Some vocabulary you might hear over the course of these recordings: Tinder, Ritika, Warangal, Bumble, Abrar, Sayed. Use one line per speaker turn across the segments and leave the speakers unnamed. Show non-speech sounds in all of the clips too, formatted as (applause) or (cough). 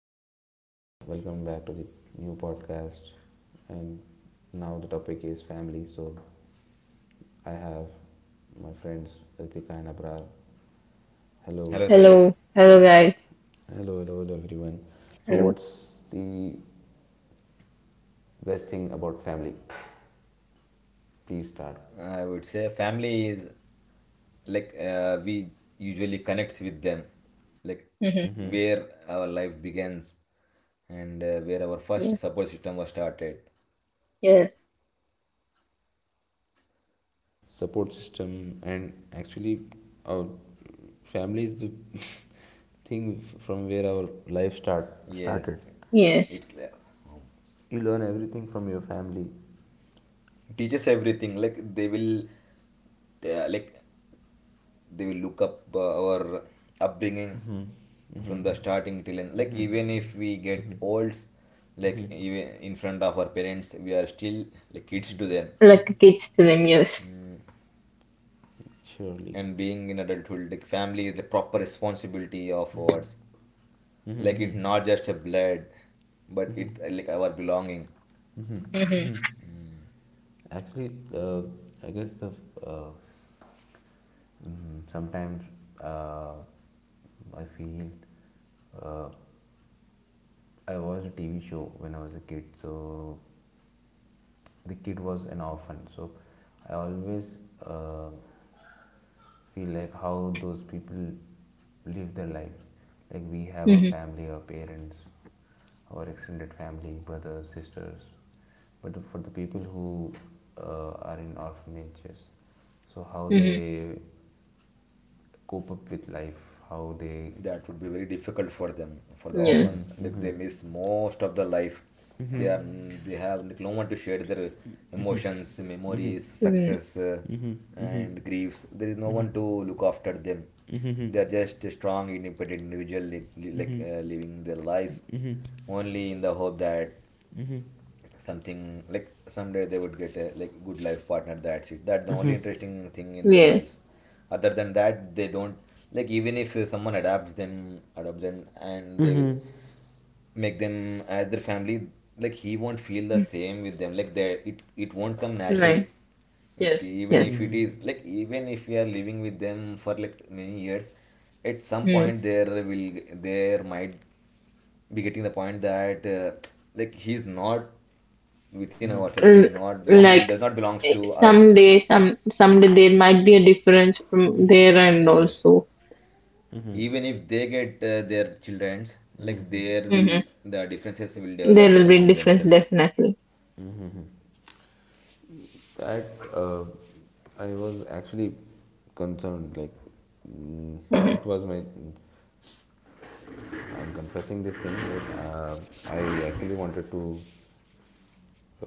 so hello everyone, welcome back to the new podcast. And now the topic is family. So I have my friends Ritika and Abrar. Hello,
Hello Sayed.
Hello,
Hello
hello
Ritika.
guys.
hello everyone. So
Hello.
what's the best thing about family? Please start.
I would say family is like we usually connects with them, like
Mm-hmm.
Hmm.
where our life begins and where our first
Yeah.
support system was started.
Yes.
Support system, and actually our family is the (laughs) thing from where our life
Yes,
started.
Yes.
it's like,
You learn everything from your family.
teaches everything. Like uh, like they will look up our upbringing
Mm-hmm. Mm-hmm.
from the starting till end. Like even if we get old, like even in front of our parents, we are still like kids to them,
Like kids to them, yes.
Surely.
and being in adulthood, like family is the proper responsibility of ours.
Mm-hmm.
Like it's
Mm-hmm.
not just a blood, but it like our belonging.
Mm-hmm.
Hmm. Actually, I guess uh, sometimes uh, I feel uh, I watched a TV show when I was a kid. So the kid was an orphan. So I always uh, feel like how those people live their life. Like we have a
Mm-hmm.
family, our parents, our extended family, brothers, sisters. But for the people who are in orphanages, so how
Mm-hmm.
they cope up with life, how they.
That would be very difficult for them, for the
Yes.
Mhm,
orphans. Like, they
mhm.
miss most of the life. They are they have like no one to share their emotions, memories,
Mm.
success and griefs. There is no one to look after them. They are just a strong independent individual, like, living their lives only in the hope that something, like, someday they would get a like good life partner. That's it. That's the only interesting thing in their
Yes.
lives. Other than that, they don't, like, even if someone adopts them and they will make them as their family, like, he won't feel the
Mm.
same with them. Like, they, it won't come naturally.
Like
It,
yes,
even
yes.
if it is, like, even if we are living with them for like many years, at some
Mm.
point there might be getting the point that like he's not within ourselves. He's
L-
not belong, it
Like
does not belongs to us.
someday, someday there might be a difference from there and
Yes,
also.
even if they get their children's, like, there
Mm-hmm.
will the differences will
There
develop
will be
among
difference
themselves.
definitely.
That I was actually concerned. Like, mm,
Mm-hmm.
it was my. I'm confessing this thing that I actually wanted to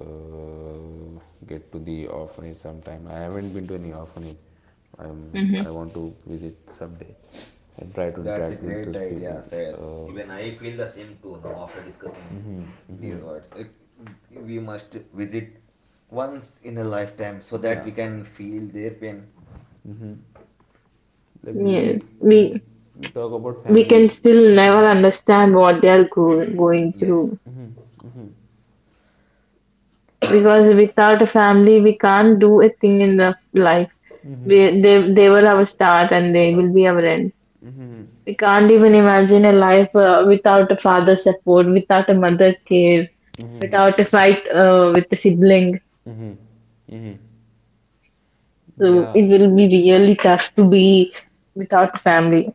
uh, get to the orphanage sometime. I haven't been to any orphanage. I'm.
Mm-hmm.
I want to visit someday and try to
That's a
interact with
great
those
idea,
people.
Sayed.
Uh,
Even I feel the same too. Now, after discussing
mhm,
these
mhm.
words, like, we must visit once in a lifetime so that
Yeah.
we can feel their pain.
Mm-hmm. Like
Yes.
we
We
we talk about
we
family.
can still never understand what they are going
Yes.
through, because without a family we can't do a thing in the life. They were our start and they will be our end. We can't even imagine a life without a father support, without a mother care, without a fight with a sibling. So
Yeah,
it will be really tough to be without family.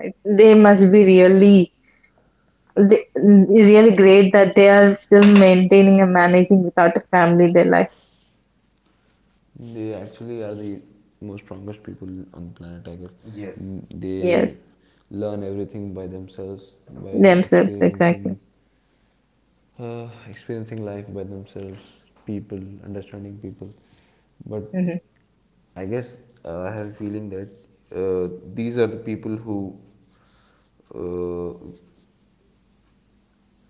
Like, they must be really great that they are still maintaining and managing without a family their life.
they actually are the most strongest people on the planet, I guess.
Yes.
Mm. They
Yes,
learn everything by themselves, by
themselves, exactly.
experiencing experiencing life by themselves, people, understanding people. But
Hmm.
I guess I have a feeling that uh, these are the people who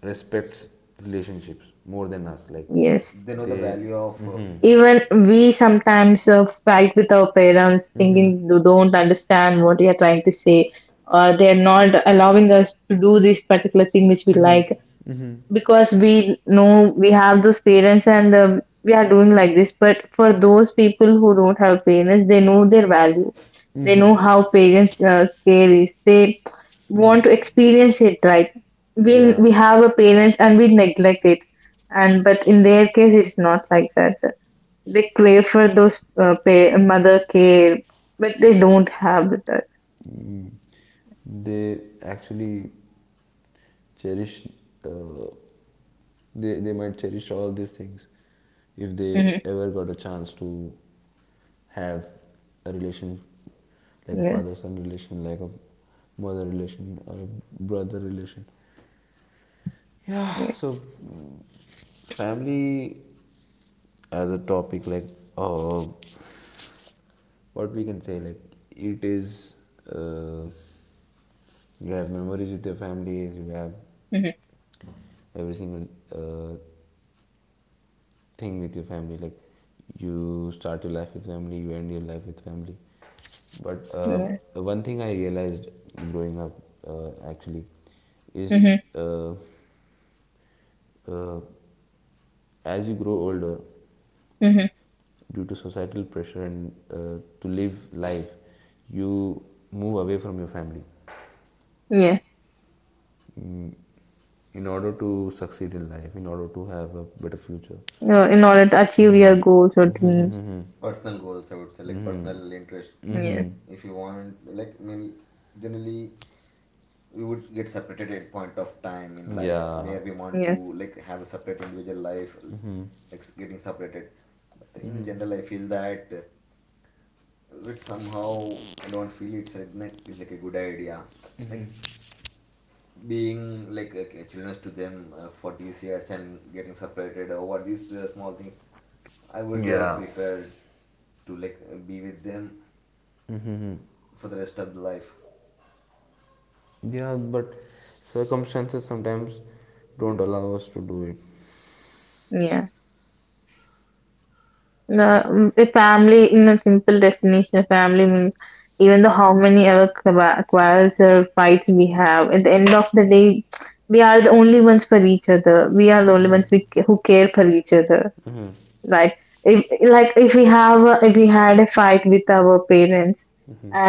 respects relationships more than us. Like
Yes,
Yes.
they know the
they,
value of
hmm,
Even we sometimes fight with our parents, thinking they don't understand what we are trying to say, or they are not allowing us to do this particular thing which we like, because we know we have those parents and we are doing like this. But for those people who don't have parents, they know their value. They know how parents care is. They want to experience it, right. We
yeah,
we have a parents and we neglect it, and but in their case, it's not like that. They crave for those mother care, but they don't have that.
they actually cherish, uh, they might cherish all these things if they
Hmm.
ever got a chance to have a relation, like a father
Yes,
son relation, like a mother relation or a brother relation. Yeah,
yeah.
so family as a topic, like, oh, what we can say, like it is, uh, you have memories with your family, you have
Mm-hmm.
every single thing with your family, like you start your life with family, you end your life with family. But
Yeah.
one thing I realized growing up, actually is
Hmm.
uh, uh, as you grow older,
Hmm.
due to societal pressure and, to live life, you move away from your family,
Yes.
mm, in order to succeed in life, in order to have a better future.
In order to achieve your
Hmm.
goals or dreams.
personal goals, I would say, like, personal interest.
Yes,
If you want, like, many, generally we would get separated at point of time in life
Yeah.
where we want to
yes,
like have a separate individual life, like getting separated. But in general, I feel that it somehow, I don't feel it's like, it's like a good idea. Like being like, a children to them for these years, and getting separated over these small things, I would
Yeah.
prefer to, like, be with them for the rest of the life.
Yeah, but circumstances sometimes don't
Yes.
allow us to do it.
yeah. The a family, in a simple definition, a family means even though how many ever quarrels or fights we have, at the end of the day, we are the only ones for each other. We are the only ones who care for each other. Right. if Like, if we had a fight with our parents,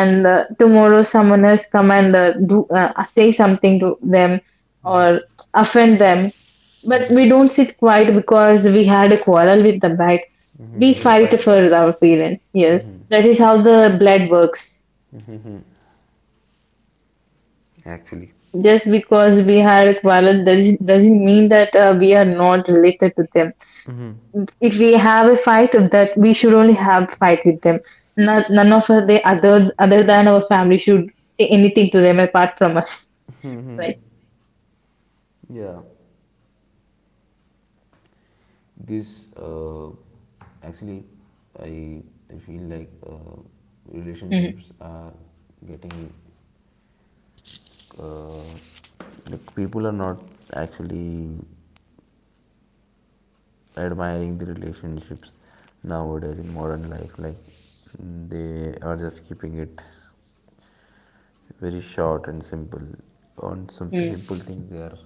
and tomorrow someone else come and do say something to them, or offend them, but we don't sit quiet because we had a quarrel with them, right. We
We'll
fight
fight
for
back,
our
yes.
parents, yes, that is how the blood works.
Actually,
Just because we had a quarrel doesn't mean that we are not related to them. If we have a fight, that we should only have fight with them, not none of the other than our family should say anything to them apart from us. (laughs) Right.
yeah. This, uh, actually I, I feel like,
Mm-hmm.
relationships are getting, uh, like people are not actually admiring the relationships nowadays in modern life. Like, mm, they are just keeping it very short and simple. On some simple things they are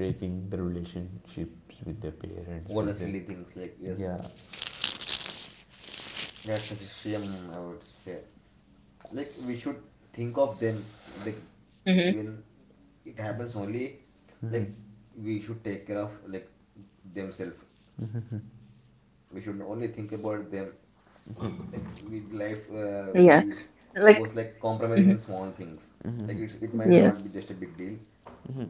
breaking the relationships with their parents,
What the
with their,
silly things, like, yes.
yeah.
That's such a shame, I would say. Like, we should think of them, like,
Mm-hmm.
when it happens only, like, we should take care of, like, themselves. We should only think about them. Like, life
Yeah.
will
Like.
goes like
Hmm.
compromising in small things. Like, it might
Yeah.
not be just a big deal.
Mm-hmm.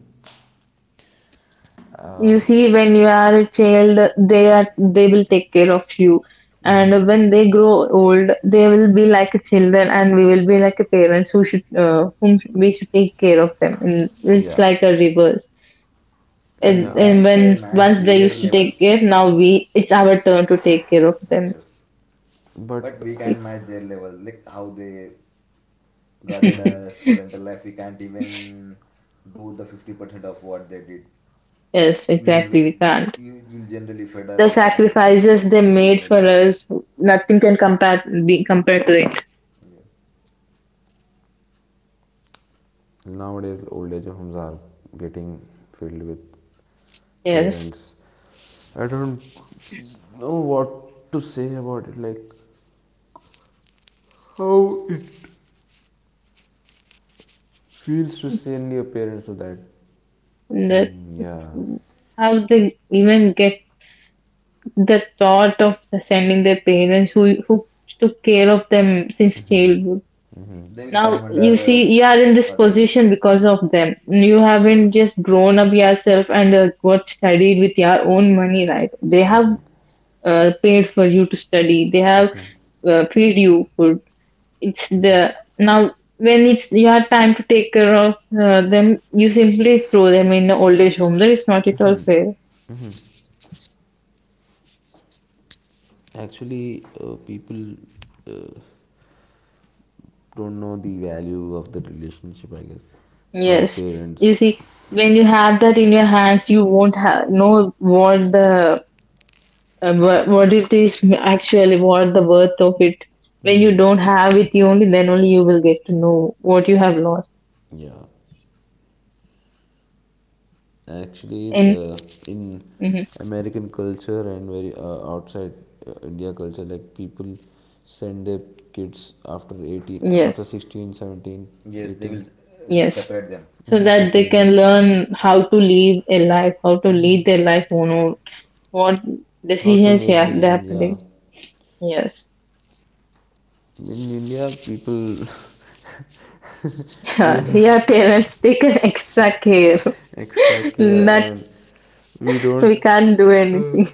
You
um,
see, when you are a child, they will take care of you,
mm-hmm.
Yes.
and when they grow old, they will be like a children and we will be like a parents whom we should take care of them, and it's
Yeah,
like a reverse.
But
And,
we
yeah.
and
can't
when
match
once they
their
used to
level.
take care, now we it's our turn to take care of them.
Yes. But
But
we can't
(laughs)
match their level. Like how they guarded us for the entire life. We can't even do the 50% of what they did.
Yes,
We will,
exactly. We can't.
we will generally fed
The
up with that, and
sacrifices they
they
made
made,
for
yes.
us, nothing can compare be compared to it.
Yeah.
nowadays, old age homes are getting filled with
Yes,
parents. I don't know what to say about it. Like, how it feels to send your parents to that
that.
thing. Yeah.
How they even get the thought of sending their parents who took care of them since childhood.
They will
Now
come
you see,
under
you are in this
other individual.
position because of them. You haven't
Yes.
just grown up yourself and got studied with your own money, right? They have paid for you to study. They have feed you food. It's the now when it's your time to take care of them, you simply throw them in the old age home. That is not at all fair.
Actually, people, uh, don't know the value of the relationship. I guess how
Yes,
parents.
you see, when you have that in your hands, you won't ha know what the. But what it is, actually what the worth of it. When you
Mm-hmm.
don't have it, you only then only you will get to know what you have lost.
Yeah. Actually,
And
in
mhm,
American culture and very outside India culture, like people send their kids after 18, after
yes,
16, 17,
Yes, they
18,
will
yes,
separate them.
17,
so
hmm,
that they
separate them.
can learn how to live a life, how to lead
Hmm.
their life on, or what
How to
decisions you
make
have they have
decisions,
to
yeah.
take. Yes.
In India, people (laughs) even
(laughs) Here parents take an extra care.
(laughs) extra
(laughs)
care,
That
and we don't.
we can't do anything,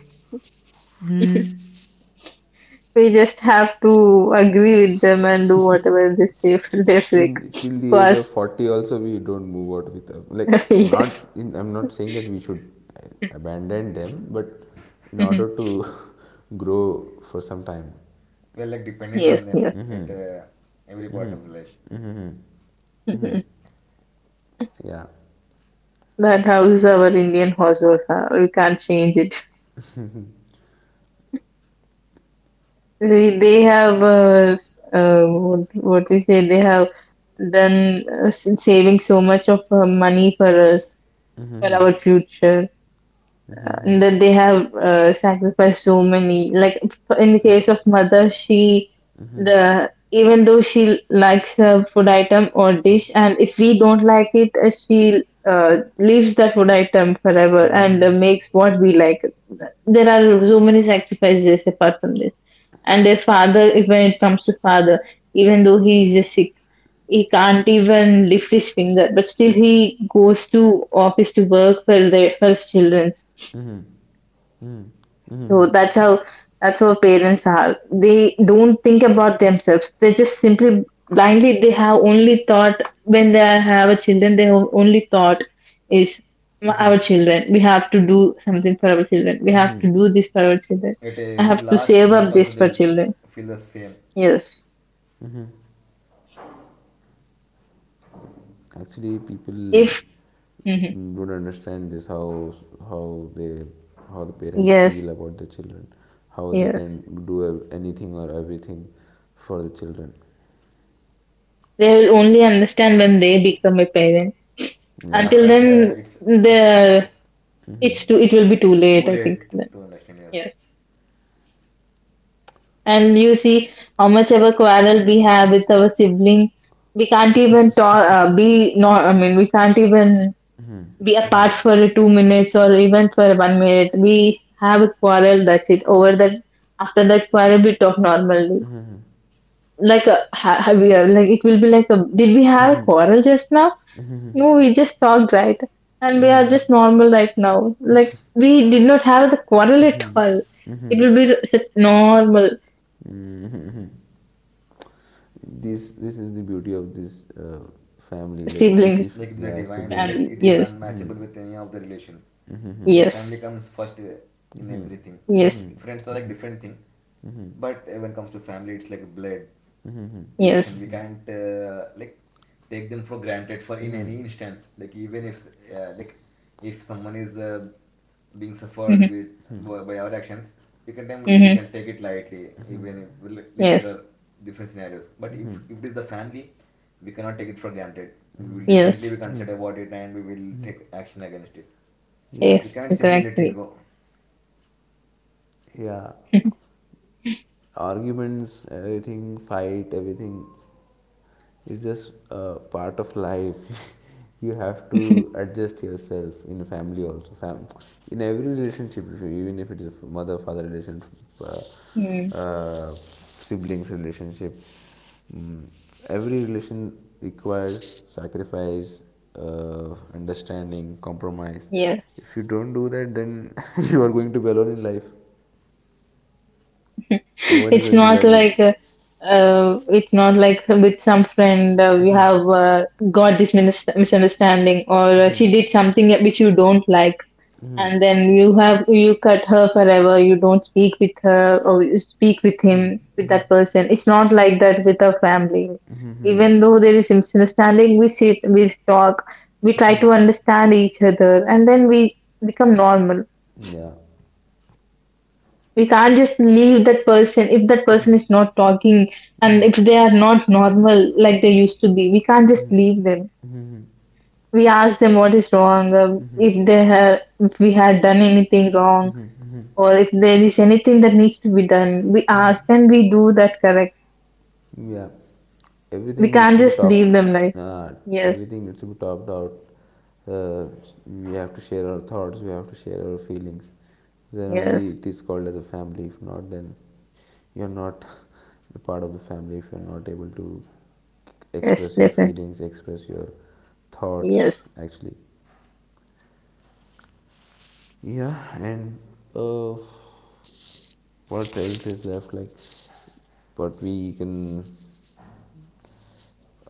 we just have to agree with them and do whatever they say for their
In
sake,
till the age of
because
40 also we don't move out with a, like,
(laughs) yes.
not, in I'm not saying that we should abandon them, but in
Mhm.
order to (laughs) grow for some time.
We are like dependent on
Yes,
them
yes.
at every part
Mm-hmm,
of the life.
mm-hmm, mm-hmm.
Mhm.
Yeah.
That house our Indian households have. We can't change it. They have, uh, what, what we say, they have done saving so much of money for us, for our future. And that they have sacrificed so many. Like in the case of mother, she the even though she likes a food item or dish, and if we don't like it, she leaves that food item forever and makes what we like. There are so many sacrifices apart from this. And their father, if when it comes to father, even though he is just sick, he can't even lift his finger, but still he goes to office to work for their for his children.
Mm-hmm, mm-hmm, mm-hmm.
So that's how parents are. They don't think about themselves. They just simply blindly they have only thought when they have a children, they have only thought is our children. We have to do something for our children. We have to do this for our children.
At
I
every
have to
last
save
minute
up
also,
this
they
for
will
children.
feel the same.
Yes.
Actually people
If. Mhm.
don't understand this, how they, how the parents
Yes,
feel about the children, how they
yes.
can do anything or everything for the children.
They will only understand when they become a parent.
Yeah,
Until
Yeah.
but
then
it's
the
Mm-hmm.
it will be too late,
too
I think then.
late to understand. Yes,
Yes. And you see how much of a quarrel we have with our sibling. We can't even talk, be not, I mean, we can't even be apart for 2 minutes or even for one minute. We have a quarrel, that's it. Over that, after that quarrel, we talk normally. Like, a, ha- have we, like, it will be like, did we have a quarrel just now? No, we just talked, right? And we are just normal right now. Like, we did not have the quarrel at all. It will be normal
This is the beauty of this, family, like if
siblings.
if
like it's a
yeah,
divine thing.
sibling.
Like it is
Yes,
Hmm.
unmatchable with any of the relation. Like
yes,
family comes first in
Hmm.
everything.
yes,
Hmm.
Like, friends are like
Hmm.
different thing, but when it comes to family, it's like blood.
yes,
Relation, we can't like take them for granted for in any instance. Like, even if like, if someone is being suffered
hmm,
with by our actions, we can tem- we
hmm,
can take it lightly. Even if, like, there
yes,
are different scenarios. But if it is the family, we cannot take it for granted. We will definitely
yes,
be consider about it, and we will take action against it.
Yeah.
We
yes,
can't simply let it
exactly.
go.
Yeah,
(laughs)
arguments, everything, fight, everything. It's just part of life. (laughs) You have to adjust yourself in a family also. In every relationship, if even if it is a mother father relationship,
Mm,
uh, uh, siblings relationship, mm, every relation requires sacrifice, understanding, compromise.
yeah.
If you don't do that, then (laughs) you are going to be alone in life. No
(laughs)
one is
it's
going to
not
love you.
like uh, it's not like with some friend we have got this misunderstanding, or she did something which you don't like, and then you cut her forever, you don't speak with her, or you speak with him, with that person. It's not like that with our family. Even though there is misunderstanding, we sit, we talk, we try to understand each other, and then we become normal.
Yeah,
We can't just leave that person if that person is not talking, and if they are not normal like they used to be, we can't just leave them. We ask them what is wrong, if they have, if we had done anything wrong, or if there is anything that needs to be done, we ask and we do that, correct.
yeah.
We
Everything needs
can't
to be
just leave
talked,
them like,
uh,
yes,
everything needs to be talked out, uh, we have to share our thoughts, we have to share our feelings, then only
yes,
it is called as a family. If not, then you're not (laughs) the part of the family if you're not able to
yes,
express your
definitely,
feelings, express your thoughts.
yes.
Actually, yeah. And, uh, what else is left, like what we can.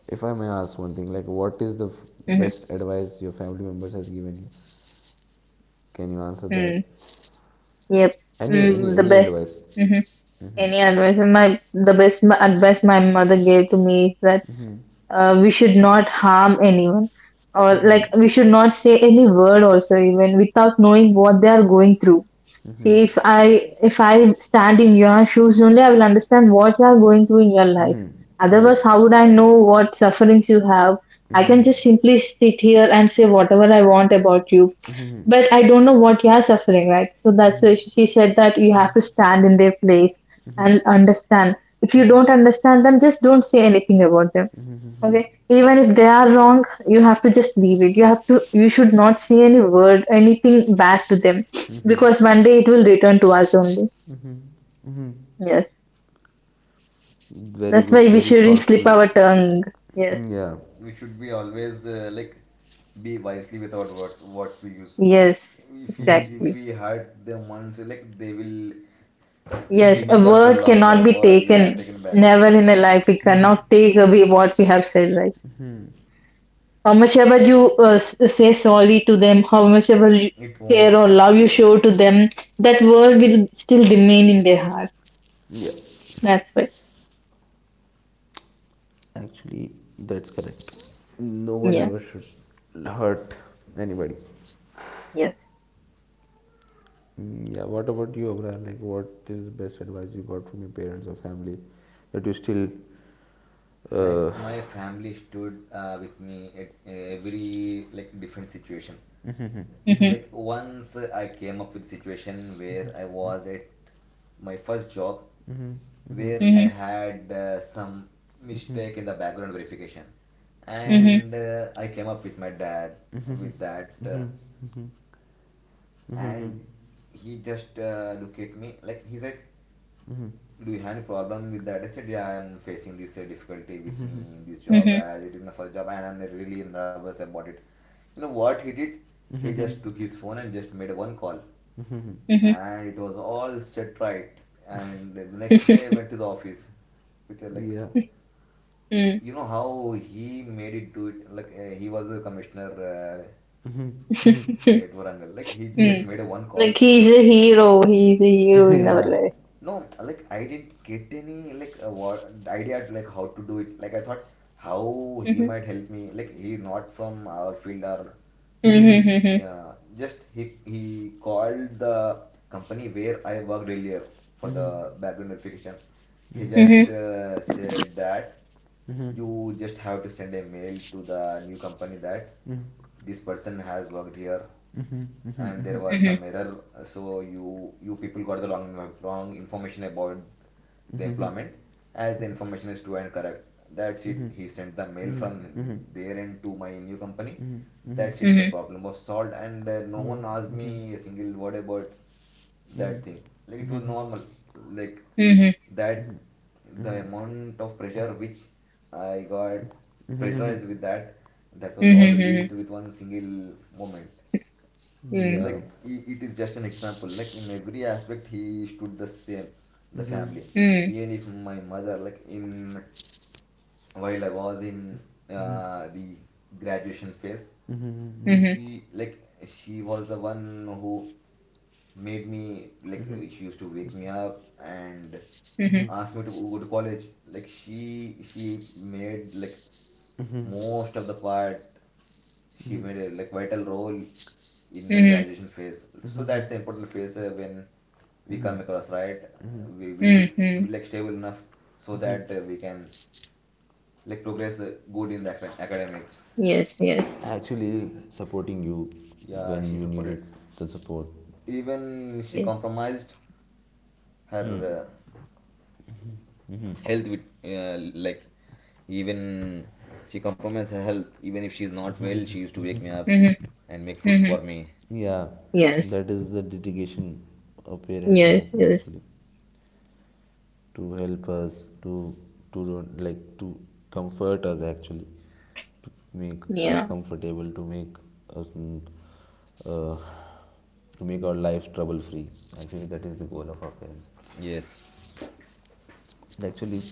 If I may ask one thing, like what is the
Mm-hmm.
best advice your family members has given you? Can you answer that?
Mm, yep,
Any any
the
any
best.
advice?
Mm-hmm.
Mm-hmm.
Any advice? My the best my, advice my mother gave to me is that we should not harm anyone, or like we should not say any word also even without knowing what they are going through. See, if I stand in your shoes, only I will understand what you are going through in your life.
Mm-hmm. Yes.
Otherwise how
Yes,
would I
I
know
agree with it.
what sufferings you have? I can just simply sit here and say whatever I want about you, but I don't know what you are suffering, right? So that's why she said that you have to stand in their place and understand. If you don't understand them, just don't say anything about them. Okay, even if they are wrong, you have to just leave it. You should not say any word, anything bad to them, because one day it will return to us only. Yes,
Very
that's
good.
why we
Very
shouldn't slip
thoughtful.
our tongue. Yes,
Mm, yeah.
We should be always, like, be wisely without words what we use.
yes,
If we, if
exactly.
we hurt them once, like, they will
Yes, a
remember for
word
longer
cannot be
word, yeah,
taken.
taken back.
Never in a life we cannot take away what we have said, right? How much ever you say sorry to them, how much ever you
It won't.
care or love you
Yeah.
show to them, that word will still remain in their heart.
Yeah.
That's why.
Actually, that's correct. No one
Yeah.
ever should hurt anybody.
Yes.
Mm, yeah. What about you, Abra? Like, what is the best advice you got from your parents or family that you still? Uh,
Like, my family stood with me at every like different situation.
Mhm,
Like once, I came up with a situation where I was at my first job, where I
mhm,
had some mistake in the background verification.
mhm,
And I came up with my dad with that, and he just looked at me. Like, he said, "Do you have any problem with that?" I said, "Yeah, I am facing this difficulty with me in this job,
mhm,
as it is my first job, and I'm really nervous about it." You know what he did? He just took his phone and just made one call,
mhm.
and it was all set right. And the next day, I
(laughs)
went to the office with a, like,
yeah.
Mm.
you know how he made it do it, like, he was a commissioner at Warangal. Like, he just
Mm.
made a one call.
Like he's a hero. He's a
(laughs)
hero in
Yeah.
our
Yeah.
life.
No, like, I didn't get any, like, what idea, like, how to do it. Like, I thought how he
Mhm,
might help me. Like, he's not from our field, or
mhm, mhm,
yeah, just he called the company where I worked earlier for the background verification. He just
mhm,
said that you just have to send a mail to the new company that this person has worked here, and there was
mhm,
some error, so you people got the wrong information about the employment, as the information is true and correct. That's it. He sent the mail from there end to my new company. That's it. The
mhm,
problem was solved, and no one asked me a single word about that thing. Like, it was normal. Like,
mhm,
that the amount of pressure which I got pressurized with. That was all
mhm,
released with one single moment.
mhm,
Like,
Yeah.
it is just an example. Like in every aspect, he stood the same, the family.
mhm,
Even if my mother, like, in while I was in the graduation phase,
Mm-hmm,
mhm,
she like she was the one who made me, like,
mm-hmm.
she used to wake me up and
mhm,
ask me to go to college. Like, she made, like, most of the part. She made a like vital role in my
mhm,
graduation phase, so that's the important phase when we come across, right? We
mhm,
should be
mhm.
like stable enough so that we can, like, progress good in the academics.
Yes, yes,
Actually, supporting you
Yeah,
when
she
you
supported.
needed the support.
Even she
yes.
compromised her
Mm.
health with like, even she compromised her health. Even if she's not well, she used to wake me up
Mhm,
and make food
mhm.
for me.
Yeah,
Yes,
that is the dedication our parents
yes,
has,
yes.
actually, to help us to like to comfort us, actually, to make us
Yeah.
comfortable, to make us mm, uh, to make our life trouble free. Actually, that is the goal of our parents.
Yes.
Actually,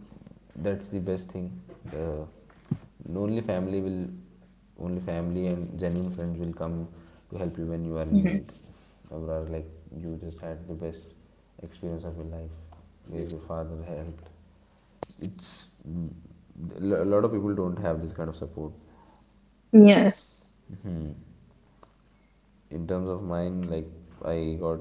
that's the best thing. Uh, only family will, only family and genuine friends will come to help you when you are in
Mhm.
need. Or are like you just had the best experience of your life where your
Yes, sir.
father helped. It's mm, a lot of people don't have this kind of support.
Yes.
Hmm. In terms of mine, like I got,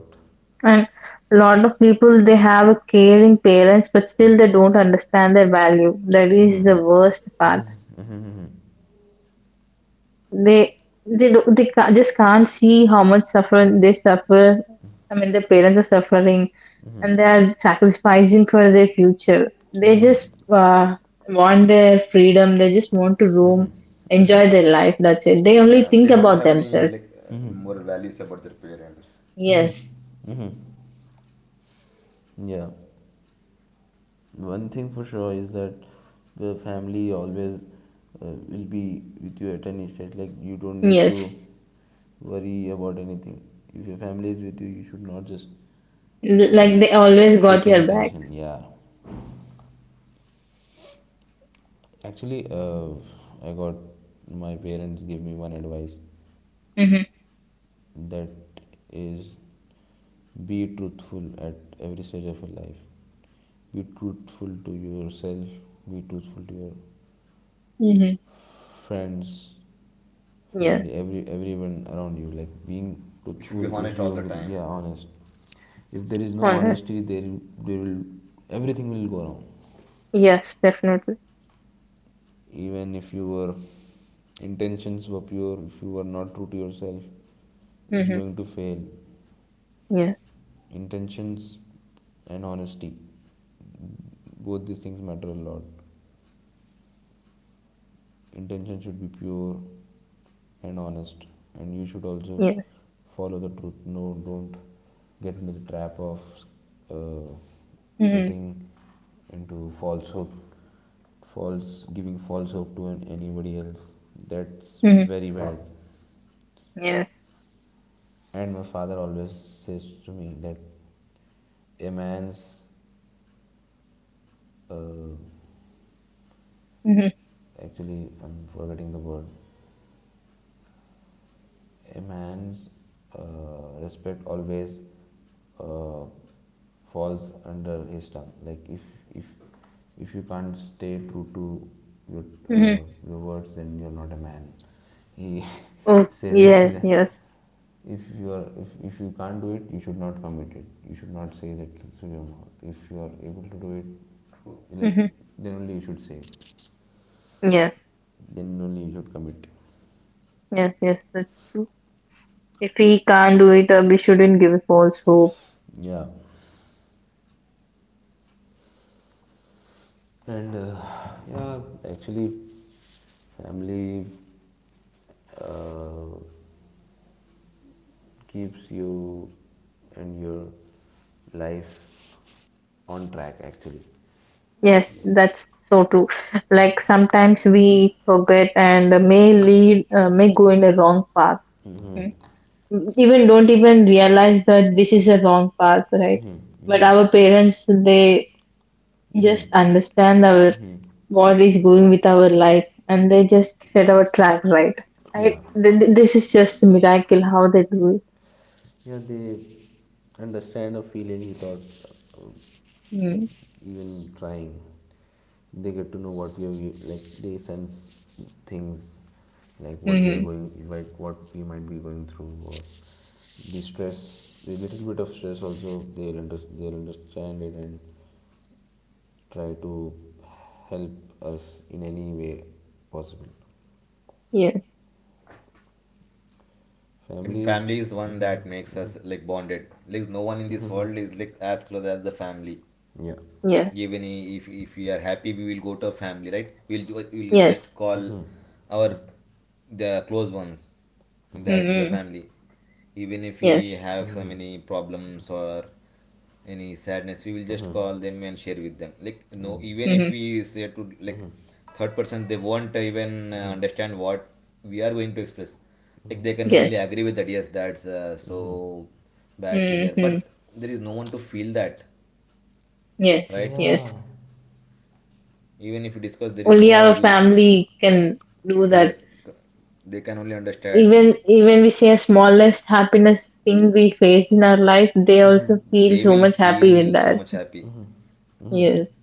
And a lot of people they have a caring parents, but still they don't understand their value. That is the worst part. They they do, just can't see how much suffering they suffer. I mean, their parents are suffering, and they are sacrificing for their future. They just want their freedom. They just want to roam, enjoy their life. That's it. They only
Yeah,
think
they don't
about
have any,
themselves.
like, moral values about their parents.
Yes,
yeah. One thing for sure is that the family always will be with you at any stage. Like you don't need
yes.
to worry about anything. If your family is with you, you should not just uh,
Like they always
take
got
any
your back.
tension. Yeah. Actually, I got, my parents give me one advice
Mm-hmm.
that is be truthful at every stage of your life. Be truthful to yourself. Be truthful to your
Mm-hmm.
friends,
Yes.
family, every, everyone around you. Like, being
We should be
truthful is
honest
the
all the
only thing.
time.
Yeah, honest. If there is no
Honest.
honesty, there will, everything will go wrong.
Yes, definitely.
Even if your intentions were pure, if you were not true to yourself, it's
Mm-hmm.
going to fail.
Yes,
Intentions and honesty, both these things matter a lot. Intention should be pure and honest, and you should also
yes.
follow the truth. No, don't get into the trap of, uh,
Mm-hmm.
getting into falsehood, false, giving false hope to anybody else, that's
Mm-hmm.
very bad.
Yes.
And my father always says to me that a man's, uh,
Mm-hmm.
actually I'm forgetting the word, a man's, uh, respect always, uh, falls under his tongue. Like if if you can't stay true to your,
Mm-hmm.
uh, your words, he
Oh,
(laughs) says is
yes,
that
yes.
if you are, if you can't do it, you should not commit it, you should not say that through your mouth. If you are able to do it,
True.
like,
Mm-hmm.
then only you should say,
Yes,
then only you should commit.
yes, yes. That's true. If we can't do it, we shouldn't give false hope.
Yeah. And, yeah, actually family, uh, keeps you and your life on track, actually.
Yes, that's
Yes.
so true. Like sometimes we forget and may go in a wrong path.
Hmm.
Mm. Even don't even realize that this is a wrong path, right? But our parents, they just understand our what is going with our life, and they just set our track right. I,
Yeah.
this is just a miracle how they do it.
Yeah, they understand a feeling without
Mm.
even trying. They get to know what we are, like they sense things, like what we are
Mm-hmm.
going, like what we might be going through, or the stress, the little bit of stress also they'll, under, they'll understand it and try to help us in any way possible.
Yeah.
I think
Families,
family is the one
mhm,
that makes
mhm.
us like bonded. Like, no one in this world is like as close as the family.
Yeah.
Yes.
Even, if we are happy, we will go to our family, right? We'll
Yes.
just call our the close ones. That's the
Mm-hmm.
family. Even if we
Yes.
have so many problems or any sadness, we will just call them and share with them. Like, no, even if
Mm-hmm.
we say to, like, third person, they won't even understand what we are going to express. Like,
Mhm,
they can only
Yes.
agree with that. Yes, that's, so
mhm.
bad to hear,
Mm-hmm.
but there is no one to feel that,
Yes.
right?
Yes.
Yeah.
Even if you discuss, there is
Only
no
our
use.
family can do that.
Yes, they can only understand.
Even we say a smallest happiness thing we face in our life, they also feel
They
so
will
much happy with
feel so
that.
much happy.
Mhm.
Yes.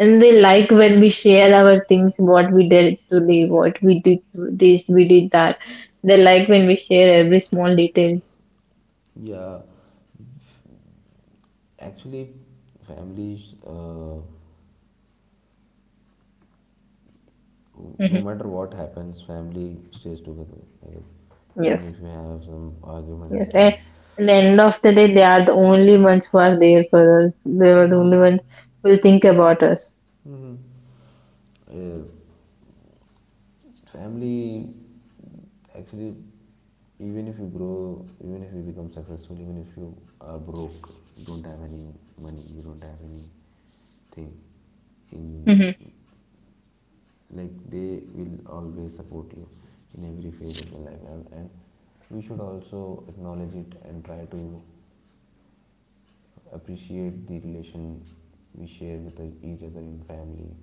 And they like when we share our things, what we did today, what we did this, we did that. They like when we share every small details.
Yeah. Actually, families, no
Mhm.
matter what happens, family stays together, I guess, even
Yes,
if you have some
yes.
arguments, some,
And at the end of the day, they are the only ones who are there for us. They are the only ones who will think about us.
mhm, uh, family, actually, even if you grow, even if you become successful, even if you are broke, you don't have any money, you don't have anything in,
Mhm.
like, they will always support you in every phase of your life. And we should also acknowledge it and try to appreciate the relation we share with each other in family.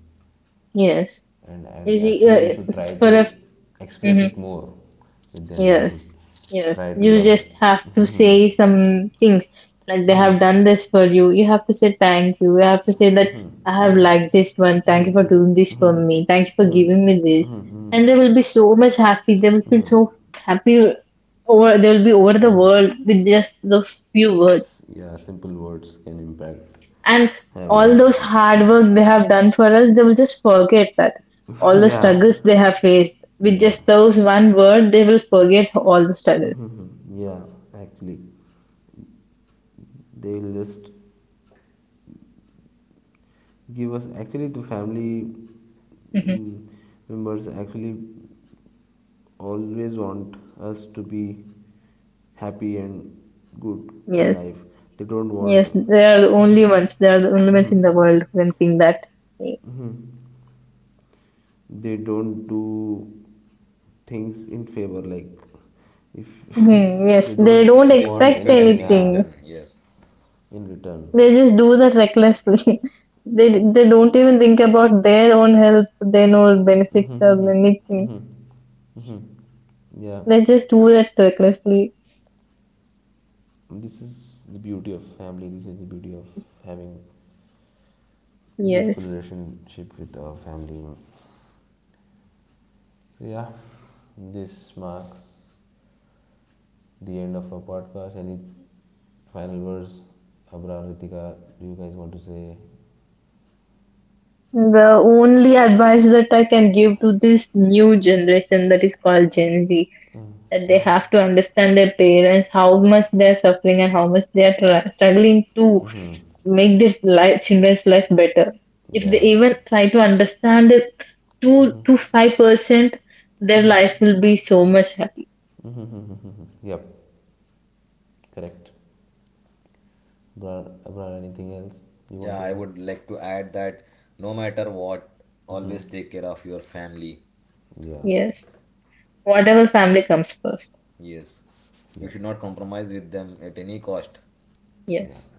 Yes.
and
You
and
see,
actually we should try
(laughs) for
to
a.
express it more with them, we
Yes,
should
yes.
try to
You
love.
just have to say some things like they have done this for you. You have to say thank you. You have to say that I have liked this one. Thank you for doing this for me. Thank you for giving me this. And they will be so much happy. They will feel so happy, over they will be over the world with just those few words.
Yeah, simple words can impact,
And
have a lot
all
of
those hard
impact.
work they have done for us, they will just forget that. All
(laughs)
the
Yeah.
struggles they have faced with
Yeah.
just those one word, they will forget all the struggles.
(laughs) Yeah, actually they will just give us, actually, the family,
(laughs)
mm, members, actually, always want us to be happy and good in
Yes,
life. They don't want.
yes, they are the only ones. They are the only ones in the
Mhm,
world who can think that.
mhm. They don't do things in favor. Like if
Mhm.
(laughs) they
Yes, they
don't
don't
They would
want
expect
expect
anything,
anything in
yeah,
anything.
return. Yes.
in return.
They just do that recklessly. (laughs) They don't even think about their own health, their own benefits or anything. They just do that recklessly.
This is the beauty of family. This is the beauty of having beautiful
Yes.
relationship with our family. So yeah, this marks the end of our podcast, and final words, Abrar, Ritika, do you guys want to say?
The only advice that I can give to this new generation that is called Gen Z, that they have to understand their parents, how much they are suffering and how much they are struggling to make their life, children's life better. If they
Yeah.
even try to understand it 2 to 5%, their life will be so much happy.
Mhm. Yep. Correct. Abrar, Abrar, anything else you want
Yeah,
to
I
add?
would like to add that no matter what,
Hmm.
always take care of your family.
Yeah.
Yes. Whatever family comes first.
Yes. We
Yep.
should not compromise with them at any cost.
Yeah.
Yes.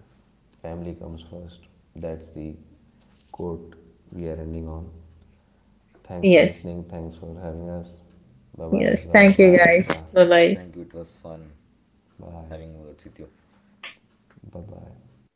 Family comes first. That's the quote we are ending on. Thanks for
Yes.
listening. Thanks for having us. Bye bye,
Yes. Thank
Abrar.
you
Bye,
guys.
Ritika.
Bye bye.
Thank you. It was fun
Bye.
having words with you.
Bye bye.